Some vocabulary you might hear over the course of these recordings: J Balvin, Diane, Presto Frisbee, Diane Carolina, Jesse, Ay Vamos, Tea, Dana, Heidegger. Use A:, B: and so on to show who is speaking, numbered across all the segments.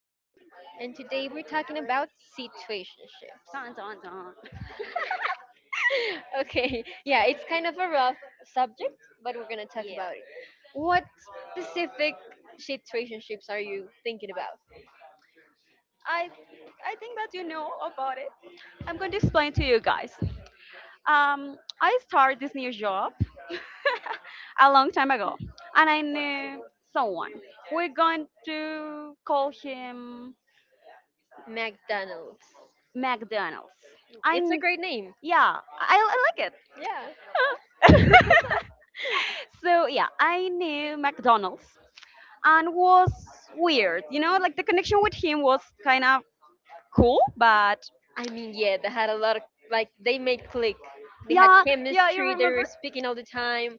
A: and today we're talking about situationships.
B: Dun, dun, dun.
A: Okay, yeah, it's kind of a rough subject, but we're gonna talk
B: Yeah,
A: about it. What specific situationships are you thinking about?
B: I, I think that you know about it. I'm going to explain to you guys. I started this new job a long time ago, and I knew someone. We're going to call him
A: McDonald's.
B: McDonald's.
A: It's a
B: I
A: great name.
B: yeah, I like
A: Yeah.
B: it. So yeah, I knew McDonald's and was weird. You know, like the connection with him was kind of cool, but
A: I mean, yeah, they had a lot of like, they made click. They had
B: yeah, yeah, you
A: chemistry. They were
B: remember
A: speaking all the time.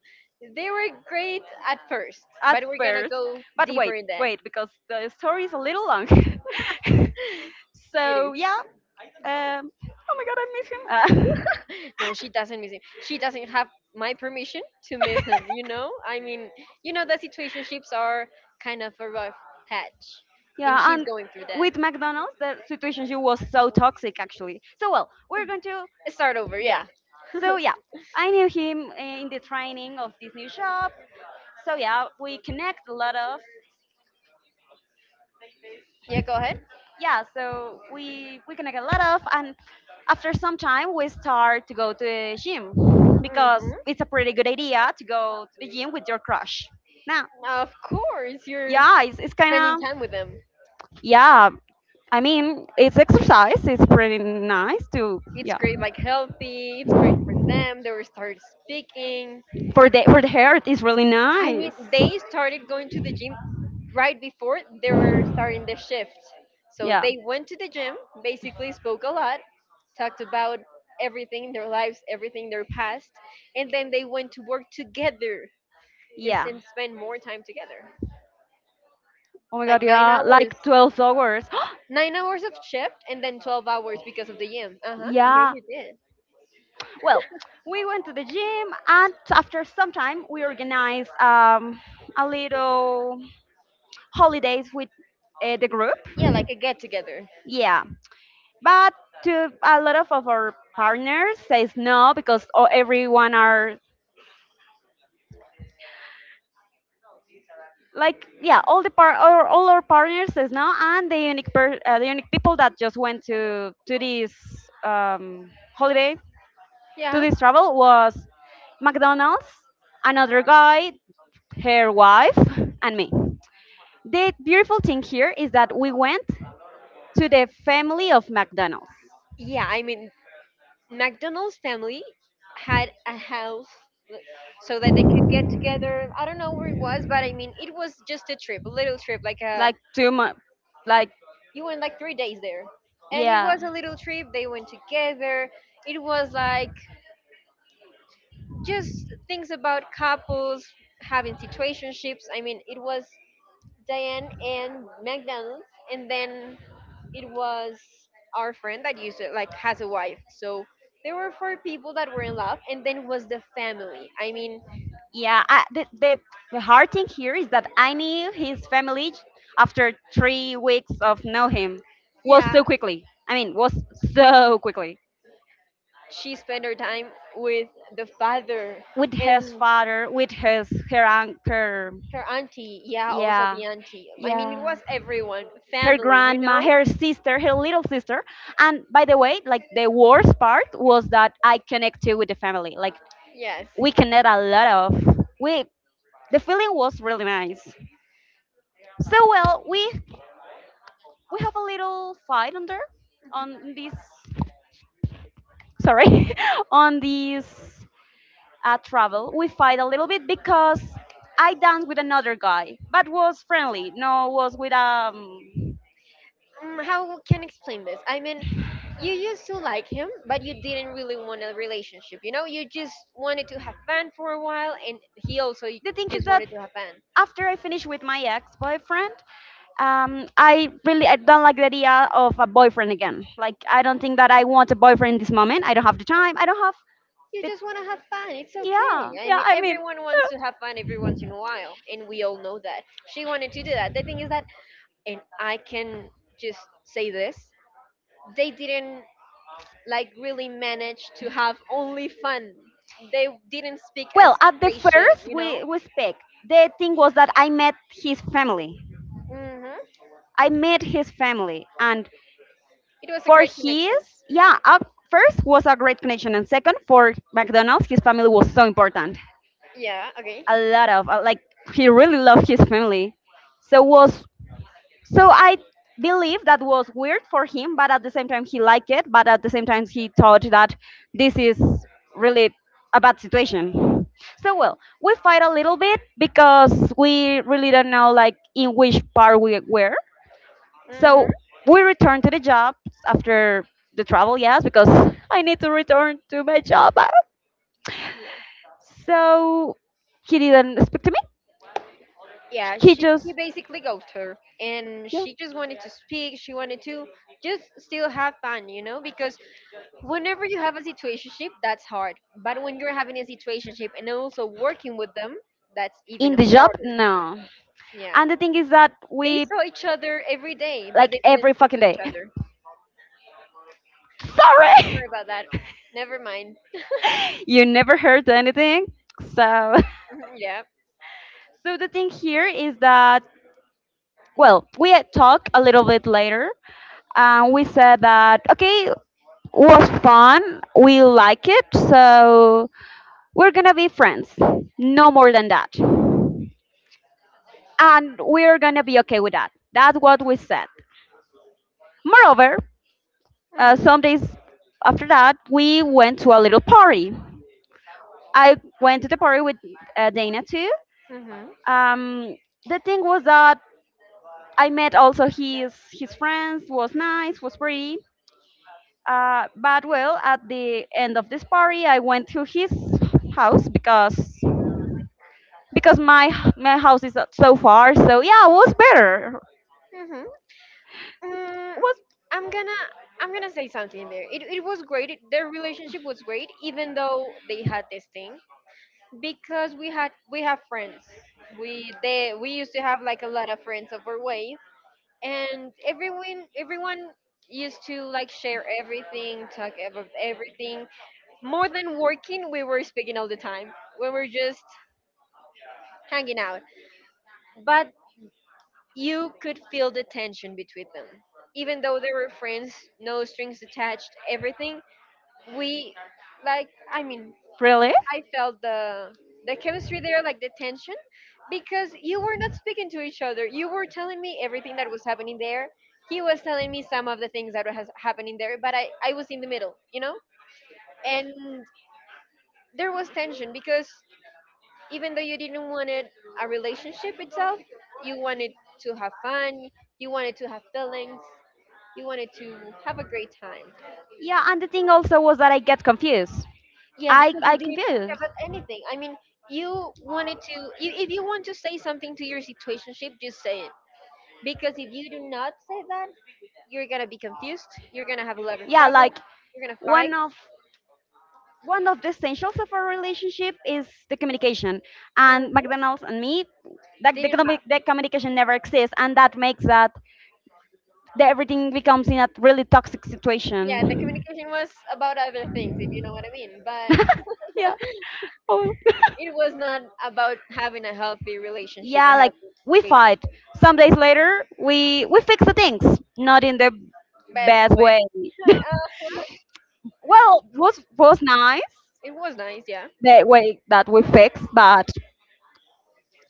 A: They were great at first,
B: at
A: but we're gonna
B: first.
A: go
B: But
A: deeper
B: wait,
A: in that.
B: wait, because the story is a little long.
A: It
B: so
A: is.
B: yeah, oh my god, I miss him.
A: No, she doesn't miss him. She doesn't have my permission to miss him, you know? I mean, you know that situationships are kind of a rough patch. And
B: Yeah,
A: she's
B: and
A: going through that.
B: with McDonald's, the situation was so toxic actually. So well, we're going to
A: Start over,
B: yeah.
A: yeah.
B: So yeah, I knew him in the training of this new shop. So yeah, we connect a lot of
A: Yeah, go ahead.
B: yeah so we can get a lot of and after some time we start to go to the gym because it's
A: Mm-hmm.
B: a pretty good idea to go to the gym with your crush now
A: Of course, you're
B: yeah it's kind
A: spending time
B: of
A: with them.
B: yeah I mean it's exercise it's pretty nice to
A: It's
B: yeah
A: great, like healthy. It's great for them. They will start speaking.
B: for the heart it's really
A: I
B: nice
A: mean, they started going to the gym right before they were starting the shift. So
B: yeah.
A: they went to the gym, basically spoke a lot, talked about everything in their lives, everything their past, and then they went to work together
B: Yeah.
A: and spend more time together.
B: Oh my god,
A: Like nine
B: yeah,
A: hours,
B: like 12 hours.
A: 9 hours of shift, and then 12 hours because of the gym. Uh huh. Yeah,
B: Yeah.
A: you did.
B: Well, we went to the gym and after some time we organized a little holidays with the group.
A: Yeah, like a get together.
B: Yeah. But to a lot of our partners says no because all, everyone are like yeah, all the par- or all our partners says no and the unique per- the unique people that just went to this um, holiday to
A: Yeah.
B: this travel was McDonald's, another guy, her wife, and me. The beautiful thing here is that we went to the family of McDonald's.
A: Yeah, I mean, McDonald's family had a house so that they could get together. I don't know where it was, but I mean, it was just a trip, a little trip. Like a,
B: Like 2 months. Like,
A: you went like 3 days there, and it
B: yeah.
A: was a little trip. They went together. It was like just things about couples having situationships. I mean, it was Diane and McDonald's, and then it was our friend that used it like has a wife, so there were four people that were in love, and then was the family. I mean,
B: Yeah, I, the hard thing here is that I knew his family after 3 weeks of know him was
A: yeah,
B: so quickly. I mean, was so quickly
A: she spent her time with the father
B: with his
A: and
B: father, with his her uncle.
A: her auntie, yeah, also
B: Yeah,
A: the auntie. I mean, it
B: yeah.
A: was everyone,
B: Her
A: family, you
B: grandma,
A: know?
B: her sister, her little sister. And by the way, like the worst part was that I connected with the family. Like
A: Yes.
B: we connect a lot of we. The feeling was really nice. So well, we have a little fight on there on this sorry on this travel we fight a little bit because I danced with another guy but was friendly no was with
A: Mm, how can I explain this? I mean, you used to like him, but you didn't really want a relationship, you know, you just wanted to have fun for a while, and he also
B: the thing is
A: just
B: that
A: wanted to have fun.
B: after I finished with my ex-boyfriend I really I don't like the idea of a boyfriend again like I don't think that I want a boyfriend in this moment I don't have the time I don't have
A: You
B: the
A: just want to have fun. It's
B: yeah
A: okay. I
B: yeah
A: mean,
B: I mean
A: everyone wants to have fun every once in a while, and we all know that. She wanted to do that. The thing is that, and I can just say this, they didn't like really manage to have only fun. They didn't speak as
B: Well, at the
A: they should,
B: first
A: you
B: we,
A: know?
B: we speak, the thing was that I met his family.
A: Hmm.
B: I met his family, and
A: It was a
B: for
A: great connection.
B: his, yeah, first was a great connection, and second, for McDonald's, his family was so important.
A: Yeah, okay.
B: A lot of, like, he really loved his family. So was so I believe that was weird for him, but at the same time he liked it. But at the same time he thought that this is really a bad situation. So well, we fight a little bit because we really don't know like in which part we were. So
A: Mm-hmm.
B: we return to the job after the travel, yes, because I need to return to my job. So he didn't speak to me.
A: Yeah,
B: He
A: she he
B: just
A: basically ghosted her, and
B: yeah
A: she just wanted to speak. She wanted to just still have fun, you know, because whenever you have a situationship, that's hard. But when you're having a situationship and also working with them, that's even
B: in the job
A: harder.
B: no.
A: Yeah.
B: And the thing is that
A: They
B: we
A: saw each other every day, but
B: like
A: they didn't
B: every
A: talk
B: fucking
A: to each
B: day.
A: other.
B: Sorry,
A: Sorry about that. Never mind.
B: you never heard anything. So,
A: Mhm, yeah.
B: so the thing here is that well, we had talked a little bit later, and we said that okay, it was fun, we like it, so we're gonna be friends, no more than that, and we're gonna be okay with that. That's what we said. Moreover,
A: Mhm.
B: some days after that, we went to a little party. I went to the party with Dana too,
A: Mhm.
B: um the thing was that I met also his friends was nice was pretty but well at the end of this party I went to his house because my house is not so far so yeah it was better
A: Mhm. Mm,
B: was.
A: I'm gonna I'm gonna say something there. It was great. Their relationship was great, even though they had this thing. Because we have friends. We used to have like a lot of friends of our way, and everyone used to like share everything, talk about everything. More than working, we were speaking all the time, we were just hanging out, but you could feel the tension between them, even though they were friends, no strings attached, everything. We like, I mean,
B: Really?
A: I felt the chemistry there, like the tension, because you were not speaking to each other. You were telling me everything that was happening there. He was telling me some of the things that was happening there, but I was in the middle, you know? And there was tension because, even though you didn't want it a relationship itself, you wanted to have fun, you wanted to have feelings, you wanted to have a great time.
B: Yeah, and the thing also was that I get confused.
A: Yes,
B: I
A: because they
B: I
A: didn't care
B: confused.
A: about anything. I mean, you wanted to, you, if you want to say something to your situationship, just say it. Because if you do not say that, you're gonna be confused. You're gonna have a lot of
B: Yeah,
A: trouble.
B: like
A: You're gonna fight.
B: one of one of the essentials of our relationship is the communication. And
A: Hmm.
B: McDonald's and me, like the,
A: Didn't have.
B: commu- the communication never exists, and that makes that the, everything becomes in a really toxic
A: Yeah, the
B: situation.
A: communication was about other things, if you know what I mean. But
B: Yeah. Oh.
A: it was not about having a healthy relationship. I
B: Yeah, like
A: have
B: we fight. Some days later, we fix the things, not in the
A: best
B: best
A: way.
B: way.
A: Uh,
B: Well, was nice
A: it was nice, yeah.
B: the way that we fixed, but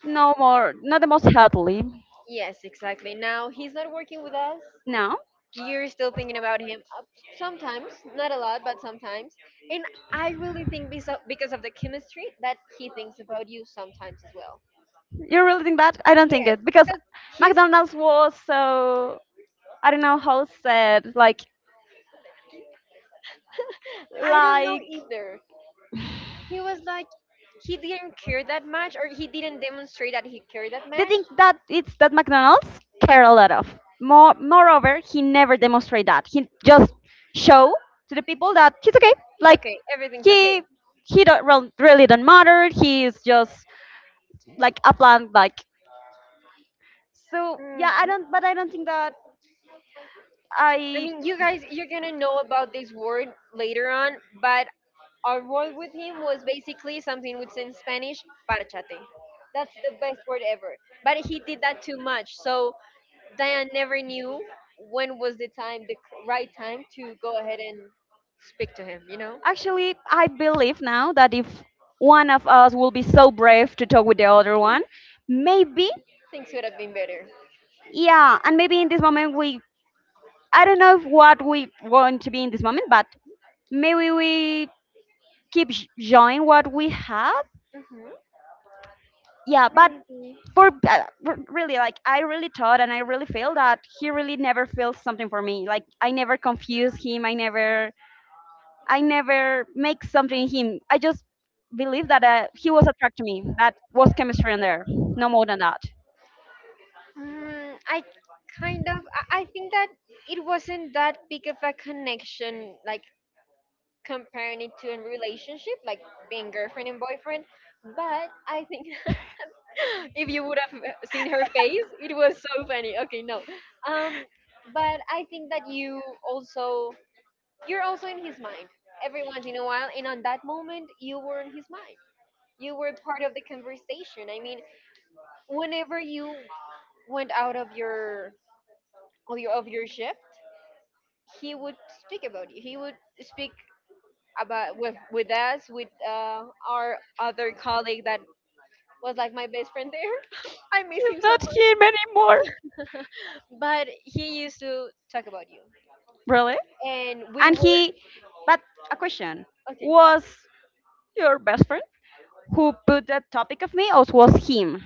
B: no more, not the most healthily.
A: Yes, exactly. Now he's not working with us.
B: No.
A: You're still thinking about him, sometimes, not a lot, but sometimes, and I really think because of the chemistry that he thinks about you sometimes as well.
B: You really think that? I don't think
A: Yes,
B: it because
A: because he's,
B: McDonald's was so I don't know how said
A: I don't know,
B: like
A: either he was like he didn't care that much, or he didn't demonstrate that he cared that
B: they
A: much.
B: think that it's that McDonald's care a lot of. More moreover, he never demonstrate that. He just show to the people that he's okay.
A: It's
B: Like
A: okay, everything's
B: he
A: okay.
B: he don't rel- really don't matter. He's just like a plant. Like so yeah, I
A: Mhm.
B: don't. But I don't think that
A: I
B: I.
A: mean, you guys, you're gonna know about this word later on, but our role with him was basically something which in Spanish, parchate. That's the best word ever. But he did that too much. So Diane never knew when was the time, the right time to go ahead and speak to him, you know?
B: Actually, I believe now that if one of us will be so brave to talk with the other one, maybe,
A: Things would have been better.
B: yeah, and maybe in this moment we, I don't know if what we want to be in this moment, but maybe we keep sh- showing what we have.
A: Hmm.
B: Yeah, but
A: Maybe.
B: for r- really, like I really thought and I really feel that he really never feels something for me. Like I never confused him. I never make something in him. I just believe that he was attracted to me. That was chemistry in there. No more than that.
A: Mm, I kind of. I think that it wasn't that big of a connection, like comparing it to a relationship, like being girlfriend and boyfriend. But I think if you would have seen her face, it was so funny. Okay, no. Um, but I think that also you're also in his mind every once in a while, and on that moment you were in his mind. You were part of the conversation. I mean, whenever you went out of your of your shift, he would speak about you. He would speak about, with us, with our other colleague that was like my best friend there. I miss
B: He's
A: him so
B: not
A: much.
B: him anymore.
A: But he used to talk about you,
B: Really?
A: and we
B: And
A: were
B: he, but a question
A: okay.
B: was your best friend who put that topic of me, or was him?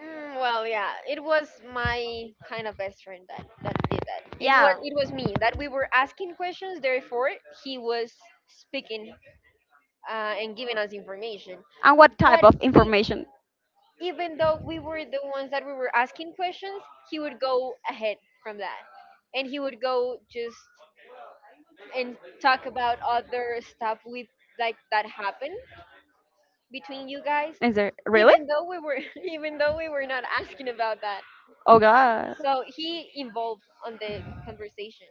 A: Mm, well yeah, it was my kind of best friend that did that, and what
B: Yeah.
A: it was me that we were asking questions, therefore he was speaking, and giving us information,
B: And what
A: but
B: type of
A: he,
B: information?
A: even though we were the ones that we were asking questions, he would go ahead from that, and he would go just and talk about other stuff with, like that happened between you guys,
B: Is there really?
A: even though we were even though we were not asking about that.
B: Oh God.
A: So he involved on the conversation,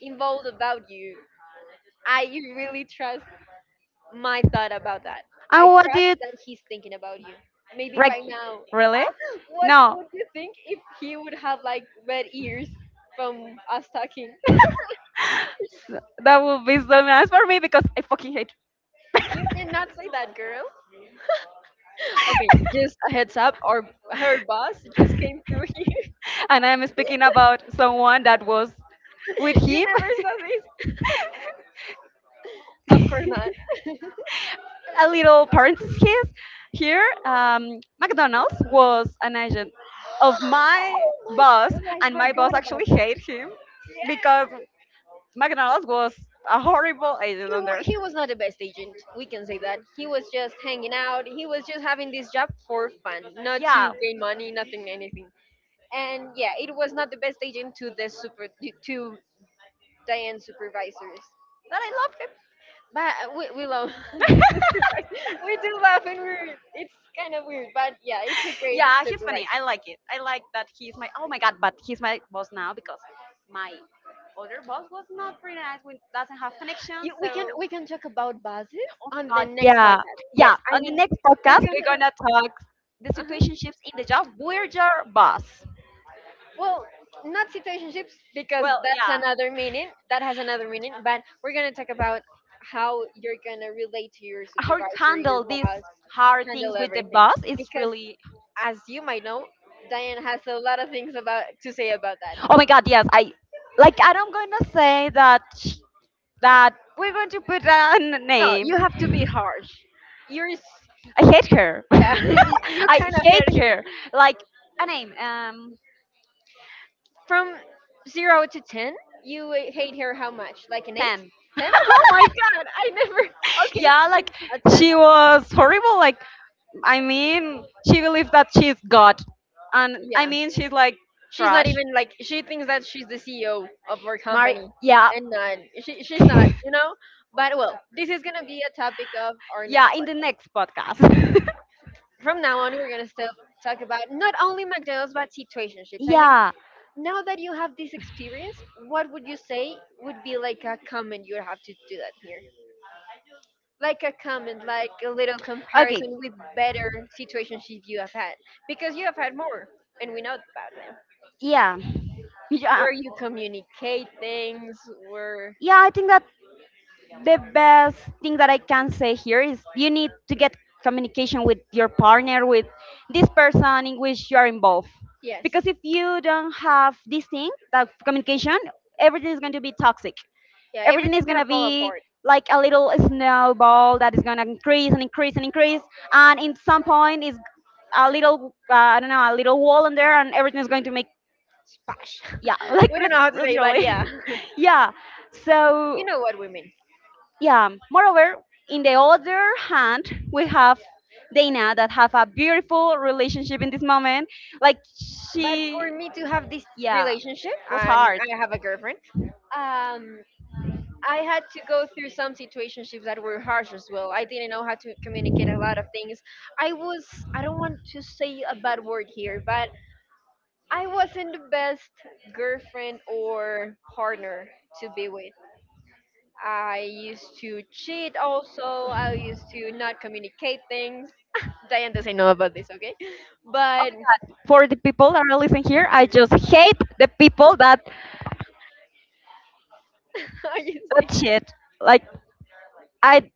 A: involved about you. I really trust my thought about that. I
B: And what
A: trust
B: did
A: that he's thinking about you. Maybe
B: like?
A: right now,
B: Really?
A: what
B: No.
A: would you think if he would have like red ears from us talking?
B: That would be so nice for me because I fucking hate.
A: You cannot say that, girl. Okay, just a heads up. Our Her boss just came through here.
B: And I'm speaking about someone that was with
A: You
B: him.
A: never saw this? Of course not.
B: A little parenthesis here. McDonald's was an agent of my
A: My God,
B: boss,
A: I
B: and my boss
A: forgot about
B: actually
A: that.
B: hated him because McDonald's was a horrible agent on there.
A: He was not the best agent. We can say that. He was just hanging out. He was just having this job for fun, not
B: Yeah,
A: to gain money, nothing, anything. And yeah, it was not the best agent to the super to Diane supervisors.
B: but I love him.
A: But we love the supervisor. We do laugh and we're, it's kind of weird, but yeah, it's a great
B: Yeah, he's funny. I like it. I like that he's my oh my god, but
A: supervisor.
B: he's my boss now because my other boss was not pretty nice. We doesn't have connection,
A: You,
B: so
A: we can talk about buses
B: oh
A: on the
B: god,
A: next
B: yeah,
A: podcast. Yes,
B: yeah.
A: I
B: On the
A: mean,
B: next
A: we're
B: podcast, we're
A: gonna.
B: gonna talk the
A: Uh,
B: situationships in the job. We're your boss.
A: well, not situationships, because
B: Well,
A: that's
B: yeah,
A: another meaning. That has another meaning. But we're gonna talk about how you're gonna relate to your
B: how to
A: supervisor, your
B: handle these
A: boss,
B: hard
A: handle
B: things with the
A: everything.
B: boss is
A: Because
B: really.
A: as you might know, Diane has a lot of things about to say about that.
B: Oh my god, yes, I like. I'm gonna say that that we're going to put a
A: No, you
B: name.
A: have to be harsh. You're,
B: I hate her.
A: yeah, you
B: I
A: kind of hate
B: hate
A: her.
B: her. Like a name,
A: From 0 to 10, you hate her how much? Like an eight?
B: Tan.
A: Ten? Oh my god, I never. Okay,
B: Yeah, like
A: a 10.
B: she was horrible. Like I mean, she believes that she's God, and I
A: Yeah.
B: mean she's like
A: She's not
B: trash.
A: even like she thinks that she's the CEO of our
B: Mari,
A: company,
B: yeah,
A: and not she, she's not, you know. But well, this is gonna be a topic of our
B: yeah.
A: next.
B: In the next podcast.
A: From now on, we're gonna still talk about not only McDonald's but situationships. I mean,
B: Yeah.
A: now that you have this experience, what would you say would be like a comment you would have to do that here? Like a comment, like a little
B: Okay.
A: comparison with better situations you have had. Because you have had more, and we know about them.
B: Yeah. Yeah.
A: Where you communicate things, where.
B: Yeah. I think that the best thing that I can say here is you need to get communication with your partner, with this person in which you are involved.
A: Yes.
B: Because if you don't have this thing, that communication, everything is going to be toxic.
A: Yeah,
B: Everything is
A: everything's
B: going
A: gonna
B: to
A: fall
B: be
A: apart.
B: like a little snowball that is going to increase and increase and increase. And in some point, is a little, I don't know, a little wall in there, and everything is going to make, yeah, like
A: We don't
B: lit-
A: know how to say, but yeah.
B: literally. Yeah.
A: You
B: So
A: know what we mean.
B: yeah moreover in the other hand we have Dana that have a beautiful relationship in this moment like
A: But
B: she
A: for me to have this
B: yeah
A: relationship,
B: it was
A: and
B: hard.
A: I have a girlfriend, um, I had to go through some situationships that were harsh as well. I didn't know how to communicate a lot of things. I was I don't want to say a bad word here, but I wasn't the best girlfriend or partner to be with. I used to cheat also. I used to not communicate things. Diane doesn't know about this, okay?
B: Oh,
A: But
B: God. For the people that are listening here I just hate the people that
A: I used to
B: that shit like I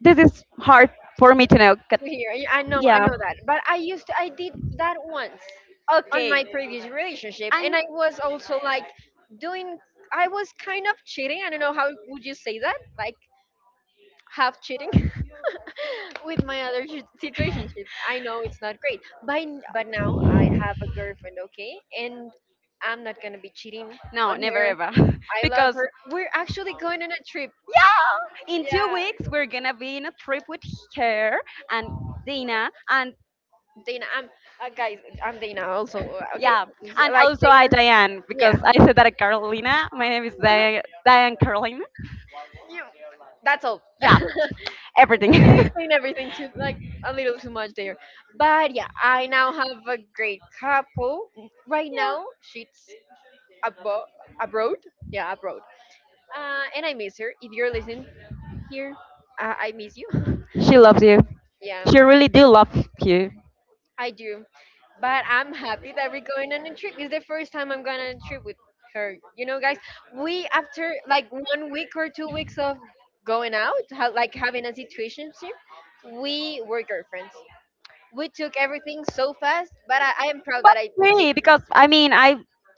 B: this is hard for me to know 'cause-
A: here. Y- I
B: yeah
A: know that. But I did that once on
B: okay
A: my previous relationship, and
B: and
A: I was also like doing, I was kind of cheating. I don't know how would you say that, like half cheating with my other situation. I know it's not great, but but now I have a girlfriend, okay, and I'm not gonna be cheating
B: no
A: on
B: never
A: her.
B: ever
A: I love
B: because
A: her. We're actually going on a trip.
B: yeah in two
A: Yeah.
B: weeks we're gonna be in a trip with her and Dina, and
A: Dana, I'm guys. I'm Dana also. Okay,
B: yeah, and
A: like
B: also I
A: Dana.
B: Diane because
A: Yeah.
B: I said that Carolina. My name is Diane, Diane Carolina.
A: you. That's all.
B: Yeah,
A: We
B: everything.
A: explain everything too, like a little too much there. But yeah, I now have a great couple. Right now, abo- abroad. Yeah, abroad. And I miss her. If you're listening here, I miss you.
B: She loves you.
A: Yeah.
B: She really do love you.
A: I do. But I'm happy that we're going on a trip. It's the first time I'm going on a trip with her. You know, guys, we after like 1 week or 2 weeks of like having a situationship, we were girlfriends. We took everything so fast, but I am proud
B: But
A: that I we took.
B: really, because I mean, I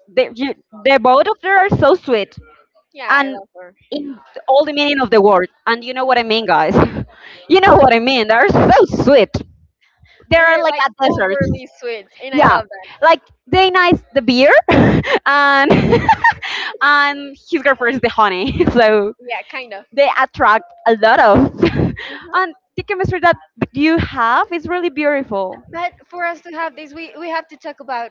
B: they, you, they both of them are so sweet.
A: Yeah, I
B: And
A: love her.
B: in all the meaning of the word. And you know what I mean, guys. You know what I mean. They're so sweet. They are
A: We're
B: like
A: like
B: a dessert.
A: overly sweet, and I
B: Yeah,
A: love that.
B: like they nice the beer, and and his girlfriend is the honey. So
A: Yeah, kind of.
B: they attract a lot of, and the chemistry that you have is really beautiful.
A: But for us to have this, we have to talk about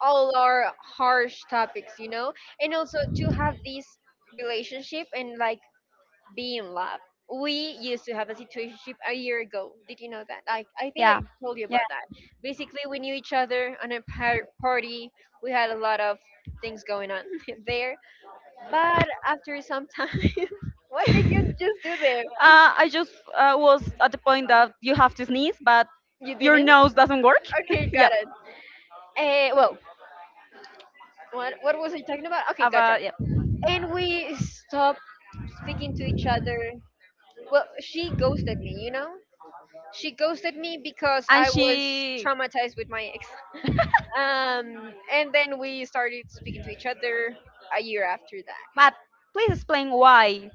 A: all our harsh topics, you know, and also to have this relationship and like be in love. We used to have a situationship a year ago. Did you know that? I think
B: Yeah,
A: I told you about that. Basically, we knew each other on a party. We had a lot of things going on there. But after some time, what did you just do there?
B: I just was at the point that you have to sneeze, but
A: You
B: your
A: didn't?
B: nose doesn't work.
A: Okay,
B: Yeah,
A: got it. Uh, well, what was I talking about? Okay, gotcha.
B: about yeah.
A: And we stopped speaking to each other. Well, she ghosted me, you know? She ghosted me because
B: And
A: I was
B: she,
A: traumatized with my ex. And then we started speaking to each other a year after that.
B: but please explain why.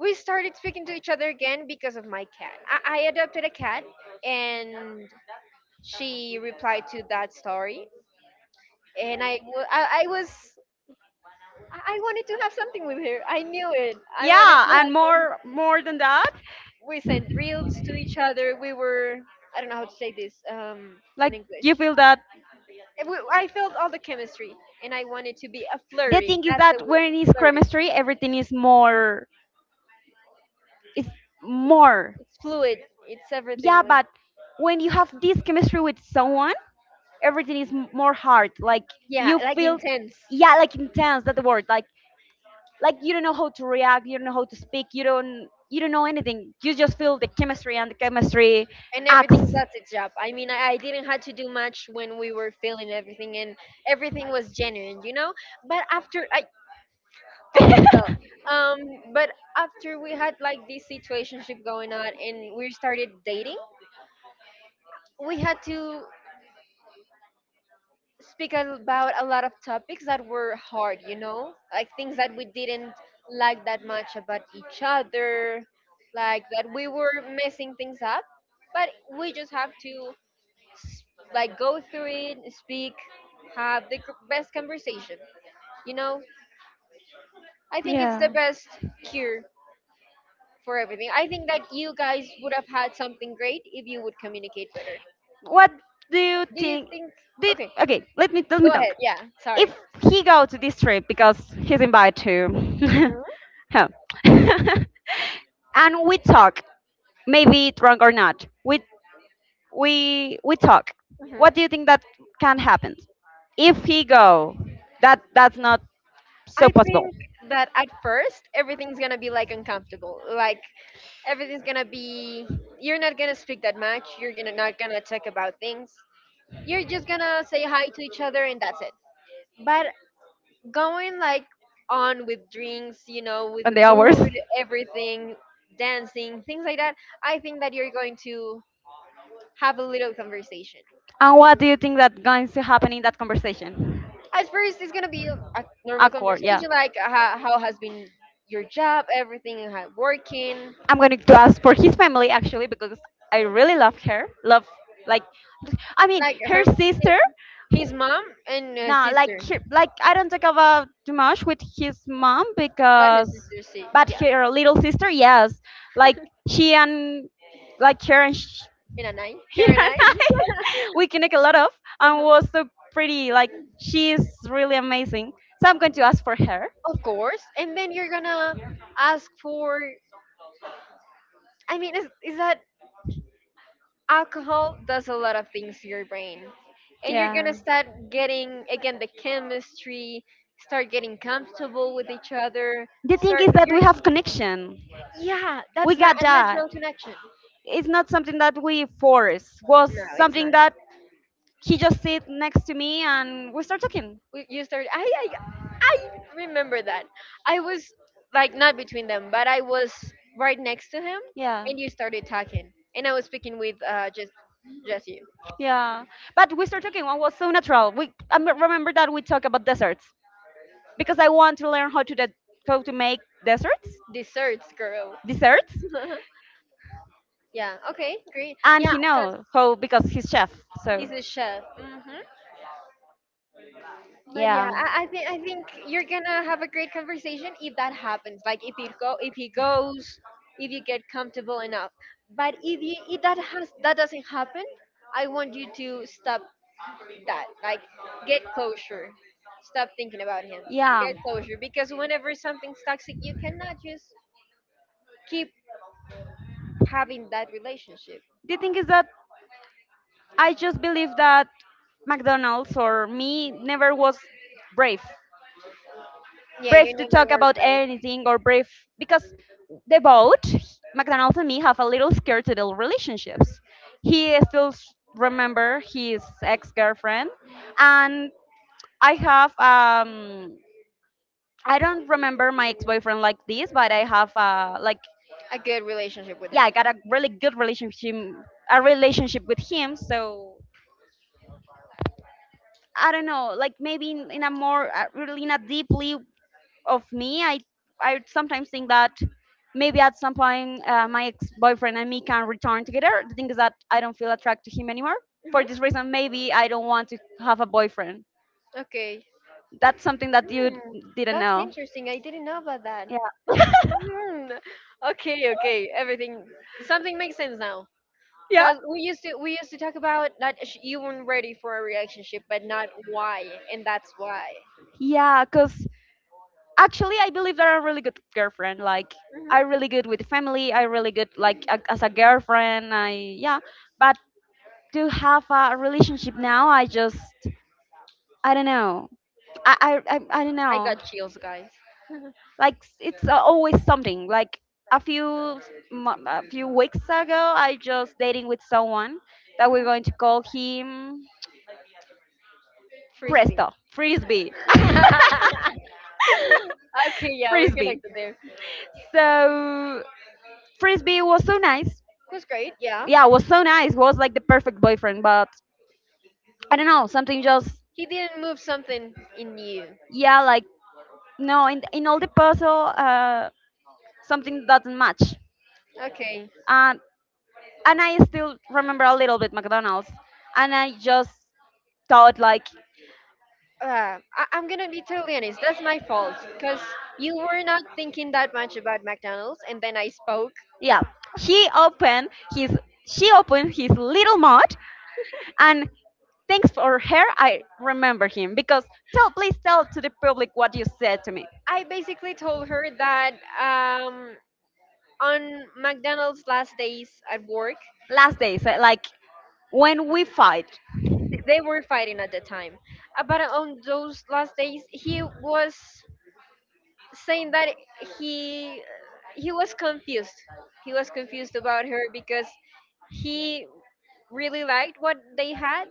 A: We started speaking to each other again because of my cat. I adopted a cat, and she replied to that story. And I, wa- I was, I wanted to have something with her. I knew it. I wanted to
B: Yeah,
A: have
B: and
A: some.
B: more than that,
A: We sent reels to each other. I don't know how to say this in
B: like
A: English.
B: you feel that.
A: And I felt all the chemistry, and I wanted to be a
B: The
A: flurry.
B: thing is
A: That's the
B: that
A: word,
B: when it's
A: flirty.
B: chemistry, everything is more is more.
A: It's fluid. It's everything.
B: Yeah,
A: Like,
B: but when you have this chemistry with someone, everything is more hard. Like
A: yeah,
B: you
A: like
B: feel,
A: intense.
B: yeah, like intense. That's the word. Like you don't know how to react, you don't know how to speak, you don't know anything, you just feel the chemistry and the chemistry
A: And everything's
B: acts.
A: at its job. I mean, I didn't have to do much when we were filming everything, and everything was genuine, you know. But after I almost fell. Um, but after we had like this situationship going on, and we started dating, we had to speak about a lot of topics that were hard, you know, like things that we didn't like that much about each other, like that we were messing things up, but we just have to s- like go through it, speak, have the best conversation. You know, I think it's the
B: Yeah.
A: best cure for everything. I think that you guys would have had something great if you would communicate better.
B: What do you
A: Do you
B: think?
A: think?
B: Did
A: Okay,
B: Okay, let me
A: go ahead.
B: talk.
A: Yeah,
B: If
A: sorry.
B: he go to this trip because he's invited to.
A: Mhm.
B: Huh. And we talk, maybe drunk or not, we talk. What do you think that can
A: Mhm.
B: happen if he go? That's not so
A: I
B: possible.
A: think that at first everything's gonna be like uncomfortable. Like everything's gonna be you're not gonna speak that much, you're gonna not gonna talk about things. You're just gonna say hi to each other and that's it. But going like on with drinks, you know, with
B: And
A: the
B: the hours.
A: mood, everything, dancing, things like that, I think that you're going to have a little conversation.
B: And what do you think that going to happen in that conversation?
A: At first it's gonna be a normal
B: Awkward, yeah.
A: conversation like how has been your job, everything, how working,
B: I'm going to ask for his family actually because I really love her. Love, like, I mean
A: like her
B: her sister.
A: his mom and her
B: No, like
A: sister,
B: her, like I don't talk about too much with his mom,
A: but her
B: because
A: sister, see
B: but
A: yeah
B: her little sister, yes, like she and like her and sh
A: in an eye
B: he
A: her
B: and
A: and I.
B: I, we connect a lot of, and
A: Uh-huh.
B: was so pretty. Like she's really amazing. So I'm going to ask for her.
A: Of course, and then you're gonna ask for I mean is that alcohol does a lot of things to your brain and you're gonna
B: Yeah.
A: start getting again the chemistry, start getting comfortable with each other,
B: The thing
A: start
B: is that
A: you're
B: we have connection.
A: yeah,
B: We
A: that's not
B: got
A: a
B: that.
A: natural connection.
B: It's not something that we force. Was
A: No, it's not.
B: something that he just sit next to me and we start talking.
A: You started. I remember that. I was like not between them, but I was right next to him,
B: Yeah.
A: and you started talking, and I was speaking with just Jesse.
B: Yeah, but we start talking. It was so natural. We remember that we talk about deserts. Because I want to learn how to how to make desserts,
A: Desserts, girl.
B: desserts,
A: Yeah. Okay. Great.
B: and
A: Yeah,
B: he
A: because
B: know how because he's chef.
A: he's
B: So
A: a chef. Hmm. But yeah,
B: yeah,
A: I think you're gonna have a great conversation if that happens. Like if he go, if he goes, if you get comfortable enough. But if you, if that has that doesn't happen, I want you to stop that, like get closure, stop thinking about him,
B: yeah,
A: get closure because whenever something's toxic you cannot just keep having that relationship.
B: the thing is that I just believe that McDonald's or me never was brave.
A: Yeah, you
B: Brave to
A: never
B: talk
A: were
B: about
A: brave.
B: anything, or brave because they both, McDonald's and me, have a little scared to their relationships. He still remember his ex-girlfriend, and I have I don't remember my ex-boyfriend like this, but I have like
A: A good relationship with him.
B: yeah, I got a really good relationship, a relationship with him. So I don't know, like maybe in a more really in a deeply of me, I sometimes think that maybe at some point, my ex-boyfriend and me can return together. The thing is that I don't feel attracted to him anymore.
A: Mhm.
B: For this reason, maybe I don't want to have a boyfriend.
A: Okay.
B: That's something that you
A: Hmm,
B: didn't
A: that's
B: know.
A: interesting, I didn't know about that.
B: Yeah.
A: Hmm, okay, okay, everything, something makes sense now. Yeah.
B: Yeah.
A: Cause we used to talk about that you weren't ready for a relationship, but not why, and that's why.
B: Yeah, because actually, I believe that I'm a really good girlfriend. Like, I'm
A: Hmm.
B: really good with family. I am really good, like, as a girlfriend. I, yeah. But to have a relationship now, I just I don't know. I don't
A: I
B: know.
A: got chills, guys.
B: Like it's always something. Like a few a few weeks ago, I just dating with someone that we're going to call him
A: Frisbee.
B: Presto Frisbee.
A: Okay, yeah, we're
B: Frisbee.
A: connected there. It
B: So Frisbee was so nice.
A: was great, yeah.
B: Yeah, was so nice. Was like the perfect boyfriend, but I don't know. Something just
A: He didn't move something in you.
B: yeah, like no. In all the puzzle, something doesn't match.
A: Okay.
B: Um, and I still remember a little bit McDonald's, and I just thought like,
A: Uh, I- I'm gonna be totally honest. That's my fault, cause you were not thinking that much about McDonald's, and then I spoke.
B: yeah, he opened his, she opened his little mouth, and thanks for her, I remember him because tell, please tell to the public what you said to me
A: I basically told her that um, on McDonald's last days at work,
B: last day. So like when we fight,
A: they were fighting at the time. But on those last days, he was saying that he he was confused. He was confused about her because he really liked what they had,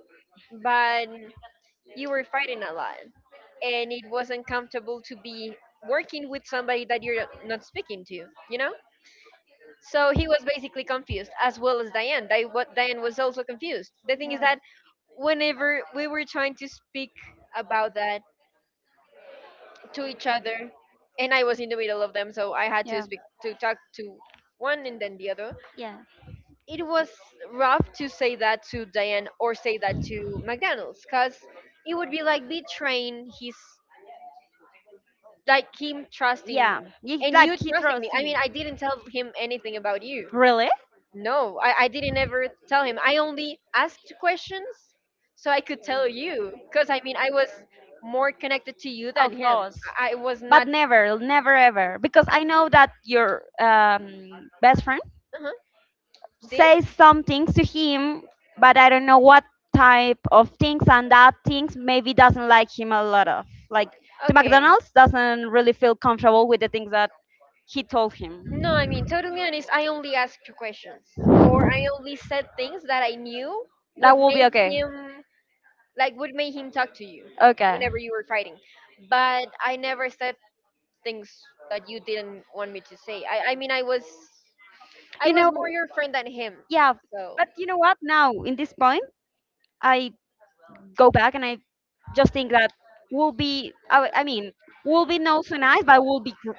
A: but you were fighting a lot, and it wasn't comfortable to be working with somebody that you're not speaking to. You know. So he was basically confused, as well as Diane. What Diane was also confused. The thing is that whenever we were trying to speak about that to each other, and I was in the middle of them, so I had to
B: yeah,
A: speak, to talk to one and then the other.
B: yeah.
A: It was rough to say that to Diane or say that to McDonald's because it would be like
B: Like
A: betraying his, like him trusting
B: yeah, it's
A: and you
B: like you know,
A: trusting
B: I
A: me. I mean,
B: Kitrosi.
A: I didn't tell him anything about you.
B: Really?
A: No, I didn't ever tell him. I only asked questions so I could tell you. Because, I mean, I was more connected to you than
B: Of
A: him.
B: course.
A: I was
B: But
A: not.
B: never, never ever, because
A: I
B: I
A: know.
B: know that your best friend
A: Uh-huh. Did?
B: say some things to him, but I don't know what type of things, and that things maybe doesn't like him a lot of. Like the
A: Okay.
B: McDonald's doesn't really feel comfortable with the things that he told him.
A: No, I mean, totally honest, I only asked questions. Or I only said things that I knew
B: That
A: would
B: will be
A: make
B: okay.
A: him, like, would make him talk to you
B: Okay.
A: whenever you were fighting. But I never said things that you didn't want me to say. I was. I
B: You
A: was
B: know,
A: more your friend than him.
B: yeah,
A: So,
B: but you know what? Now, in this point, I go back and I just think that will be, I mean, will be not so nice, but will be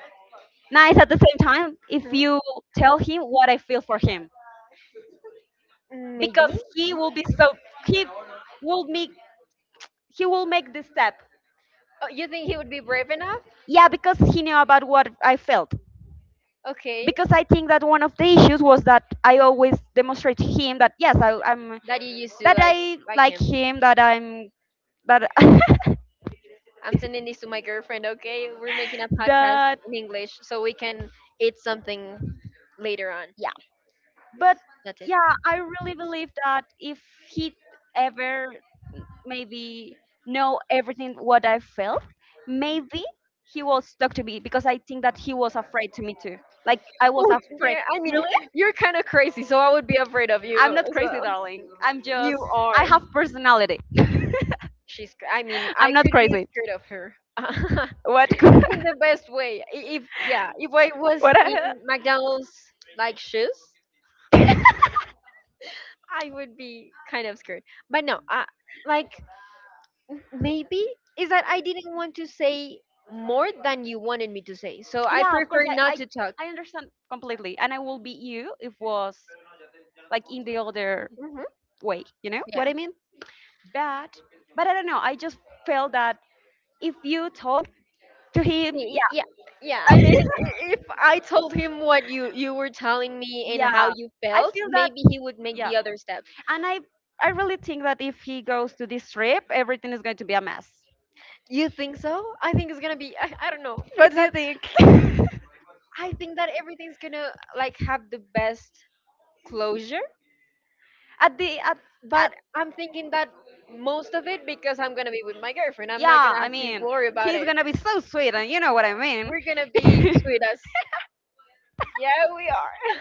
B: nice at the same time if
A: mhm,
B: you tell him what I feel for him,
A: mm,
B: because
A: maybe.
B: he will be so he will make he will make this step.
A: Oh, you think he would be brave enough?
B: Yeah, because he knew about what I felt.
A: Okay,
B: Because I think that one of the issues was that I always demonstrate to him that yes, I'm
A: that you used to
B: that
A: like
B: I
A: like
B: like
A: him.
B: him, that I'm that
A: I'm sending this to my girlfriend. Okay, we're making a podcast
B: that
A: in English so we can eat something later on.
B: yeah. But
A: That's it.
B: yeah, I really believe that if he ever maybe know everything what I felt, maybe he was stuck to me because I think that he was afraid to me too. Like I was
A: Oh
B: afraid.
A: yeah, I mean
B: Really?
A: you're kind of crazy, so I would be afraid of you
B: I'm not
A: as
B: crazy,
A: well.
B: darling. I'm
A: You
B: just I
A: are.
B: have personality.
A: I mean, I
B: I'm not
A: could be
B: crazy.
A: scared of her.
B: What? What?
A: In the best way. I- If Yeah, if I was
B: I,
A: in McDonald's like shoes, I would be kind of scared. But no, I, like maybe is that I didn't want to say more than you wanted me to say, so I
B: yeah, of course.
A: prefer
B: I,
A: not
B: I
A: to talk.
B: I understand completely, and I will beat you if was like in the other
A: Hmm.
B: way. You know
A: Yeah,
B: what I mean? But but I don't know. I just felt that if you talk to him,
A: see,
B: yeah,
A: yeah, yeah. I mean, if I told him what you were telling me and
B: yeah.
A: how you
B: I
A: felt,
B: feel that
A: maybe he would make
B: yeah,
A: the other step.
B: and I really think that if he goes to this trip, everything is going to be a mess.
A: You think so? I think it's gonna be. I don't know.
B: What
A: It's
B: do you think?
A: I think that everything's gonna like have the best closure,
B: At
A: but
B: at
A: I'm thinking that most of it because I'm gonna be with my girlfriend. I'm not
B: yeah,
A: gonna
B: I
A: have to
B: mean,
A: worry about
B: he's
A: it.
B: gonna be so sweet, and you know what I mean.
A: We're gonna be sweet as yeah, we are.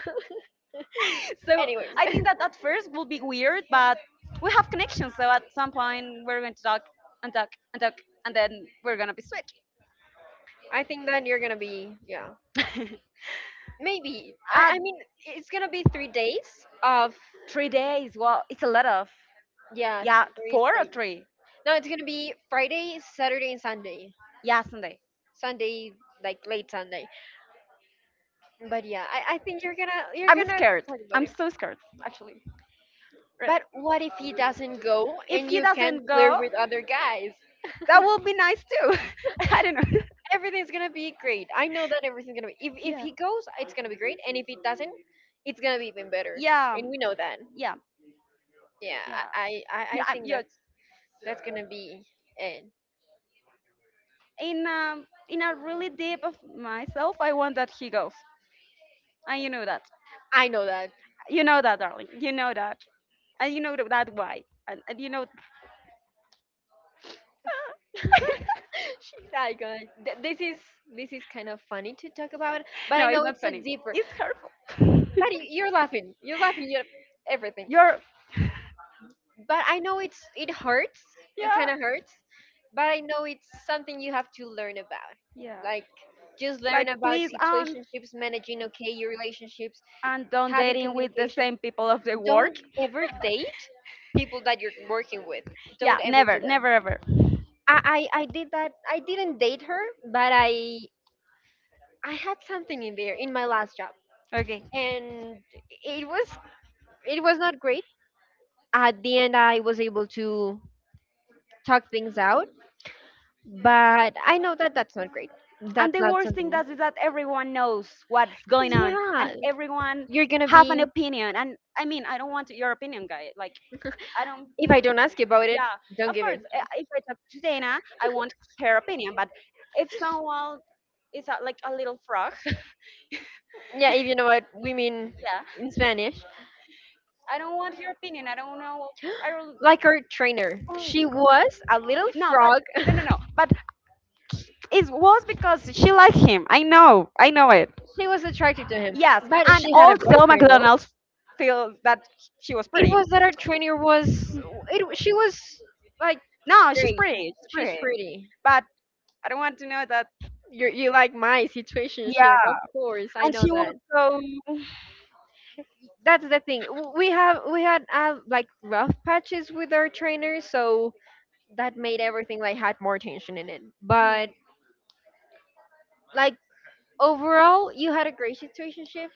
B: So
A: Anyways,
B: I think that at first will be weird, but we have connections, so at some point we're going to talk and talk and talk, and then we're gonna be sweet.
A: I think that you're gonna be yeah maybe I
B: At
A: I mean it's gonna be 3 days of
B: 3 days, well, it's a lot of
A: yeah
B: yeah,
A: three
B: four or
A: days.
B: three.
A: No, it's gonna be Friday, Saturday, and Sunday.
B: Yeah, Sunday.
A: Sunday, like late Sunday. But yeah, I think you're
B: I'm
A: gonna
B: scared.
A: talk about
B: I'm
A: it.
B: so scared, actually. Real.
A: But what if he doesn't go
B: If
A: and
B: he
A: you can
B: doesn't
A: flirt
B: go,
A: with other guys?
B: that would be nice too. I don't know.
A: Everything's gonna be great. I know that everything's gonna be. If
B: Yeah.
A: he goes, it's gonna be great, and if it doesn't, it's gonna be even better.
B: Yeah.
A: And we know that.
B: Yeah.
A: Yeah,
B: Yeah.
A: I I, I
B: Yeah.
A: I
B: I'm,
A: think
B: yeah.
A: that's gonna be it.
B: In a really deep of myself, I want that he goes, and you know that.
A: I know that.
B: You know that, darling. You know that, and you know that why, and you know.
A: She's iconic. This is kind of funny to talk about, but
B: No,
A: I
B: it's
A: know
B: not
A: it's a
B: funny.
A: deeper.
B: It's hurtful.
A: But you're laughing. You're laughing. You're everything.
B: You're.
A: But I know it hurts. It
B: Yeah.
A: kind of hurts, but I know it's something you have to learn about.
B: Yeah.
A: Like just
B: Like,
A: learn about
B: please,
A: situationships, managing okay your relationships,
B: and don't
A: having
B: dating with the
A: communication.
B: same people of the work.
A: Don't ever date people that you're working with.
B: Yeah,
A: Don't ever
B: never,
A: do that.
B: never ever.
A: I did that. I didn't date her, but I had something in there in my last job,
B: Okay.
A: and it was it was not great. At the end, I was able to talk things out, but I know that that's not great.
B: And
A: That's
B: the
A: not
B: worst thing
A: something.
B: that is that everyone knows what's going on, and
A: Yeah,
B: everyone
A: you're gonna
B: have
A: be.
B: an opinion. And I mean, I don't want your opinion, guy. Like, I don't.
A: If
B: Mm,
A: I don't ask you about it,
B: yeah,
A: don't
B: of
A: give
B: course.
A: it.
B: If I talk to Dana, I want her opinion. But if someone is like a little frog.
A: Yeah, if you know what we mean
B: Yeah,
A: in Spanish.
B: I don't want your opinion. I don't know. I don't. Like,
A: Like our trainer,
B: oh.
A: she was a little
B: No, but
A: frog.
B: no, no, no. But it was because she liked him. I know. I know it.
A: She was attracted to him,
B: Yes.
A: but
B: And
A: she had a
B: also
A: boyfriend. No,
B: McDonald's feels that she was
A: it
B: pretty.
A: was that our trainer was. It she was like
B: No, she's
A: great.
B: pretty. She's
A: She's
B: pretty.
A: pretty.
B: But I don't want to know that.
A: You like my situationship,
B: Yeah.
A: of course. I
B: And
A: know
B: she was
A: that.
B: so
A: That's the thing. We had like rough patches with our trainers, so that made everything like had more tension in it. But like overall, you had a great situationship,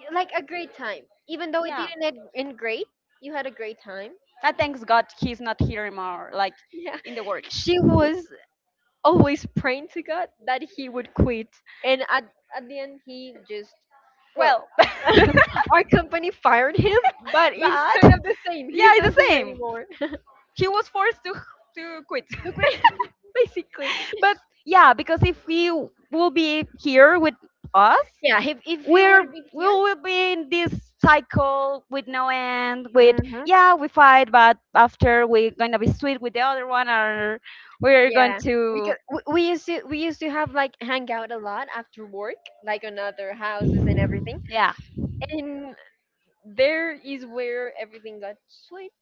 A: like a great time. Even though it
B: yeah.
A: didn't end end great, you had a great time.
B: That thanks God he's not here anymore, like
A: Yeah,
B: in the world.
A: she was always praying to God that he would quit, and at the end he just well,
B: Well, but
A: our company fired him, but it's kind of the same.
B: yeah,
A: He's not
B: it's the
A: here
B: same.
A: anymore.
B: He was forced to quit.
A: So, great- basically.
B: But yeah, because if he will be here with us,
A: Yeah, if he would have been
B: we
A: here.
B: will be in this cycle with no end. With
A: Uh-huh.
B: yeah, we fight, but after we're gonna be sweet with the other one, or we're going
A: Yeah,
B: to
A: because we used to have like hang out a lot after work, like on other houses and everything.
B: yeah,
A: And there is where everything got sweet.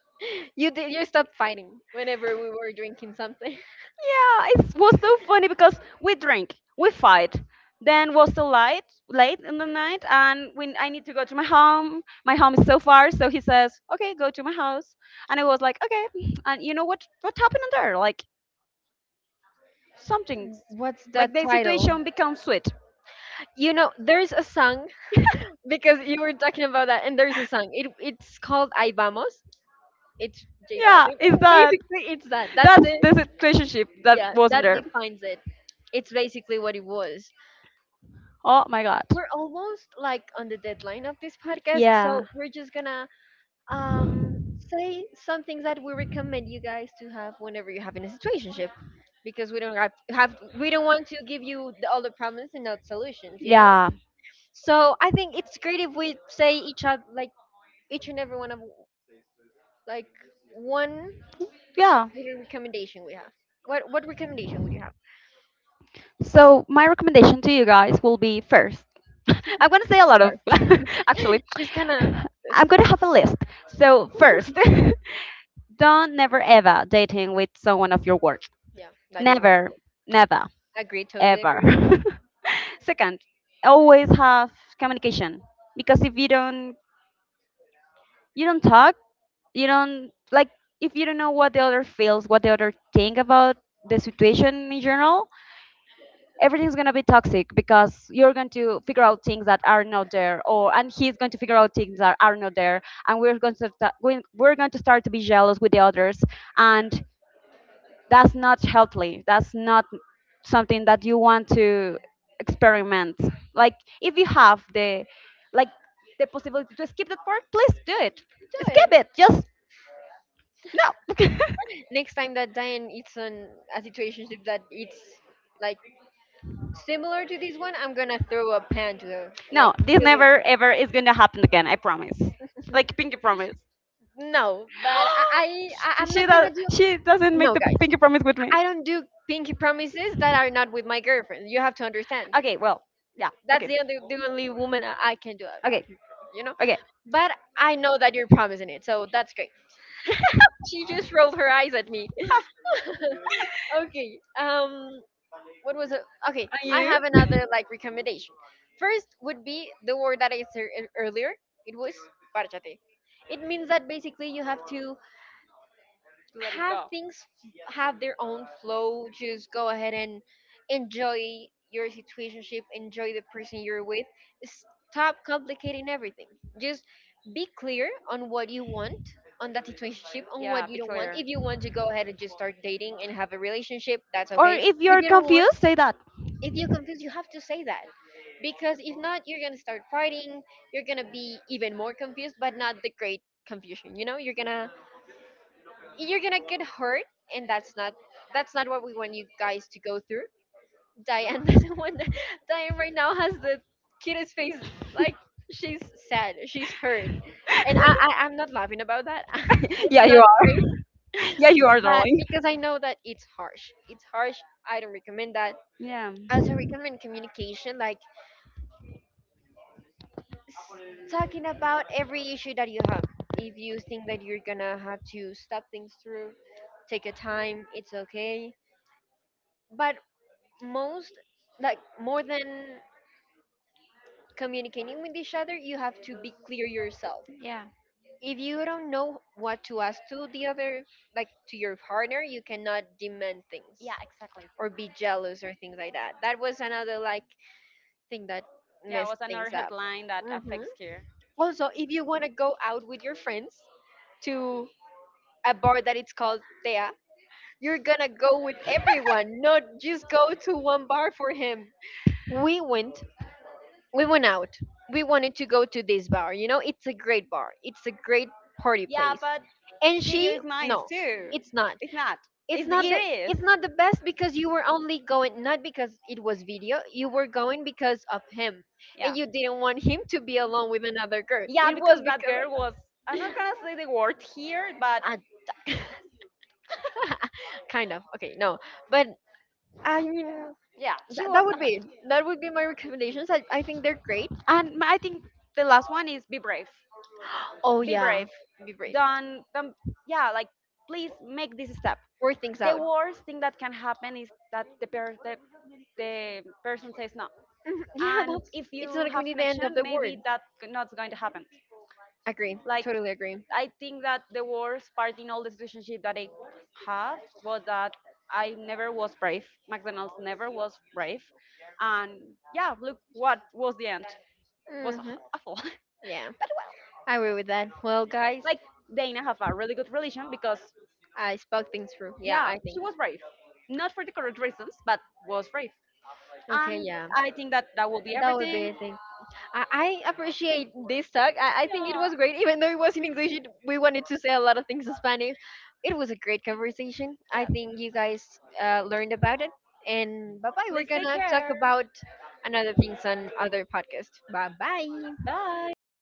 A: You stopped fighting whenever we were drinking something.
B: yeah. It was so funny because we drink, we fight. Then was so light, late in the night, and when I need to go to my home is so far. So he says, "Okay, go to my house," and I was like, "Okay." And you know what? What happened there? Like something
A: What's
B: like
A: that
B: the
A: title?
B: situation becomes sweet.
A: You know, there's a song because you were talking about that, and there's a song. It's called "Ay Vamos." It's J
B: Yeah,
A: Balvin.
B: is
A: And
B: that
A: basically, it's that. That's
B: that's
A: the
B: the situationship that
A: yeah,
B: wasn't
A: that
B: there.
A: defines it. It's basically what it was.
B: Oh my god.
A: We're almost like on the deadline of this podcast,
B: Yeah.
A: so we're just gonna say some things that we recommend you guys to have whenever you're having a situationship, because we don't have we don't want to give you all the problems and not solutions, you know.
B: Yeah.
A: So I think it's great if we say each other like each and every one of like one
B: Yeah.
A: little recommendation we have. What recommendation would you have?
B: So my recommendation to you guys will be first. I'm gonna say a lot of
A: Sure.
B: actually.
A: She's gonna
B: I'm gonna have a list. So first, don't never ever dating with someone of your work.
A: yeah, that you're
B: Never, never,
A: agree, totally agree.
B: ever. Second, always have communication, because if you don't, you don't talk, you don't like, if you don't know what the other feels, what the other think about the situation in general, everything's going to be toxic because you're going to figure out things that are not there, or and he's going to figure out things that are not there, and we're going to we're going to start to be jealous with the others, and that's not healthy. That's not something that you want to experiment. Like if you have the like the possibility to skip that part, please do it.
A: Do
B: Skip
A: it.
B: it. Just no.
A: Next time that Diane eats on a situationship that it's like similar to this one, I'm gonna throw a pan to her.
B: No,
A: Like
B: this
A: really.
B: never ever is going to happen again, I promise. Like pinky promise.
A: No, but I'm
B: She
A: not gonna
B: does.
A: do
B: She doesn't make
A: no
B: the
A: guys.
B: pinky promise with me.
A: I don't do pinky promises that are not with my girlfriend. You have to understand.
B: Okay. Well. Yeah.
A: That's
B: Okay.
A: the only woman I can do a
B: Okay.
A: pinky promise, you know?
B: Okay.
A: But I know that you're promising it, so that's great. She just rolled her eyes at me. Okay. What was it? Okay,
B: And
A: I
B: you?
A: have another like recommendation. First would be the word that I said earlier. It was parchate. It means that basically you have to
B: Let it
A: have
B: go.
A: things have their own flow. Just go ahead and enjoy your situationship. Enjoy the person you're with. Stop complicating everything. Just be clear on what you want on that situationship, on
B: Yeah.
A: what you
B: Be
A: don't want.
B: clear.
A: If you want to go ahead and just start dating and have a relationship, that's
B: Or
A: okay.
B: if
A: If
B: you're
A: you don't want
B: confused, say that.
A: if you're confused you have to say that, because if not you're gonna start fighting, you're gonna be even more confused but not the great confusion, you know, you're gonna get hurt, and that's not what we want you guys to go through. Diane doesn't want that. Diane right now has the cutest face, like she's sad, she's hurt, and I'm not laughing about that. It's
B: Yeah, you
A: not
B: are.
A: great,
B: Yeah, you are,
A: but
B: darling.
A: because I know that it's harsh. It's harsh. I don't recommend that.
B: Yeah,
A: Also recommend communication. Like talking about every issue that you have. If you think that you're gonna have to stop things through, take your time, it's okay. But most, like more than communicating with each other, you have to be clear yourself. If you don't know what to ask to the other, like to your partner, you cannot demand things or be jealous or things like that. That was another like thing that
B: yeah, it
A: messed
B: was
A: things
B: another
A: up.
B: headline that
A: Hmm.
B: affects here.
A: Also, if you want to go out with your friends to a bar that it's called Tea. You're gonna go with everyone, not just go to one bar for him. We went, we went out. We wanted to go to this bar. You know, it's a great bar. It's a great party
B: Yeah,
A: place.
B: but
A: And
B: video
A: she,
B: is nice
A: no,
B: too.
A: it's not.
B: It's not.
A: It's
B: It's it
A: not the,
B: is.
A: it's not the best because you were only going not because it was video. You were going because of him,
B: Yeah.
A: and you didn't want him to be alone with another girl.
B: Yeah,
A: It was
B: because that
A: because
B: girl was.
A: of.
B: I'm not gonna say the word here, but
A: Ah, kind of okay no but I mean,
B: yeah, she
A: that,
B: was.
A: that would be that would be my recommendations. I think they're great.
B: And my- I think the last one is be brave.
A: Oh
B: Be
A: yeah,
B: brave.
A: be brave.
B: Don't yeah, like, please make this step.
A: Work things
B: The
A: out.
B: worst thing that can happen is that the person says no.
A: Mhm. Yeah,
B: And
A: that's
B: if
A: it's
B: you
A: not going to
B: have
A: be the end of
B: connection,
A: the
B: maybe
A: world.
B: that's not going to happen.
A: Agree.
B: Like
A: Totally agree.
B: I think that the worst part in all this relationship that I have was that I never was brave. McDonald's never was brave. And yeah, look what was the end. Was
A: Hmm.
B: awful. But
A: Yeah,
B: well,
A: I agree with that. Well, guys,
B: like they now have a really good relation because
A: I spoke things through. Yeah,
B: yeah,
A: I
B: she
A: think.
B: was brave. Not for the correct reasons, but was brave.
A: Okay,
B: And
A: yeah,
B: I think that that will be
A: that would be
B: everything.
A: it. I, I appreciate this talk. I think it
B: Yeah.
A: was great, even though it was in English. It, we wanted to say a lot of things in Spanish. It was a great conversation. I
B: Yeah.
A: think you guys learned about it. And bye bye. We're
B: Please take
A: gonna talk
B: care.
A: about another things on other podcast. Bye bye.
B: Bye.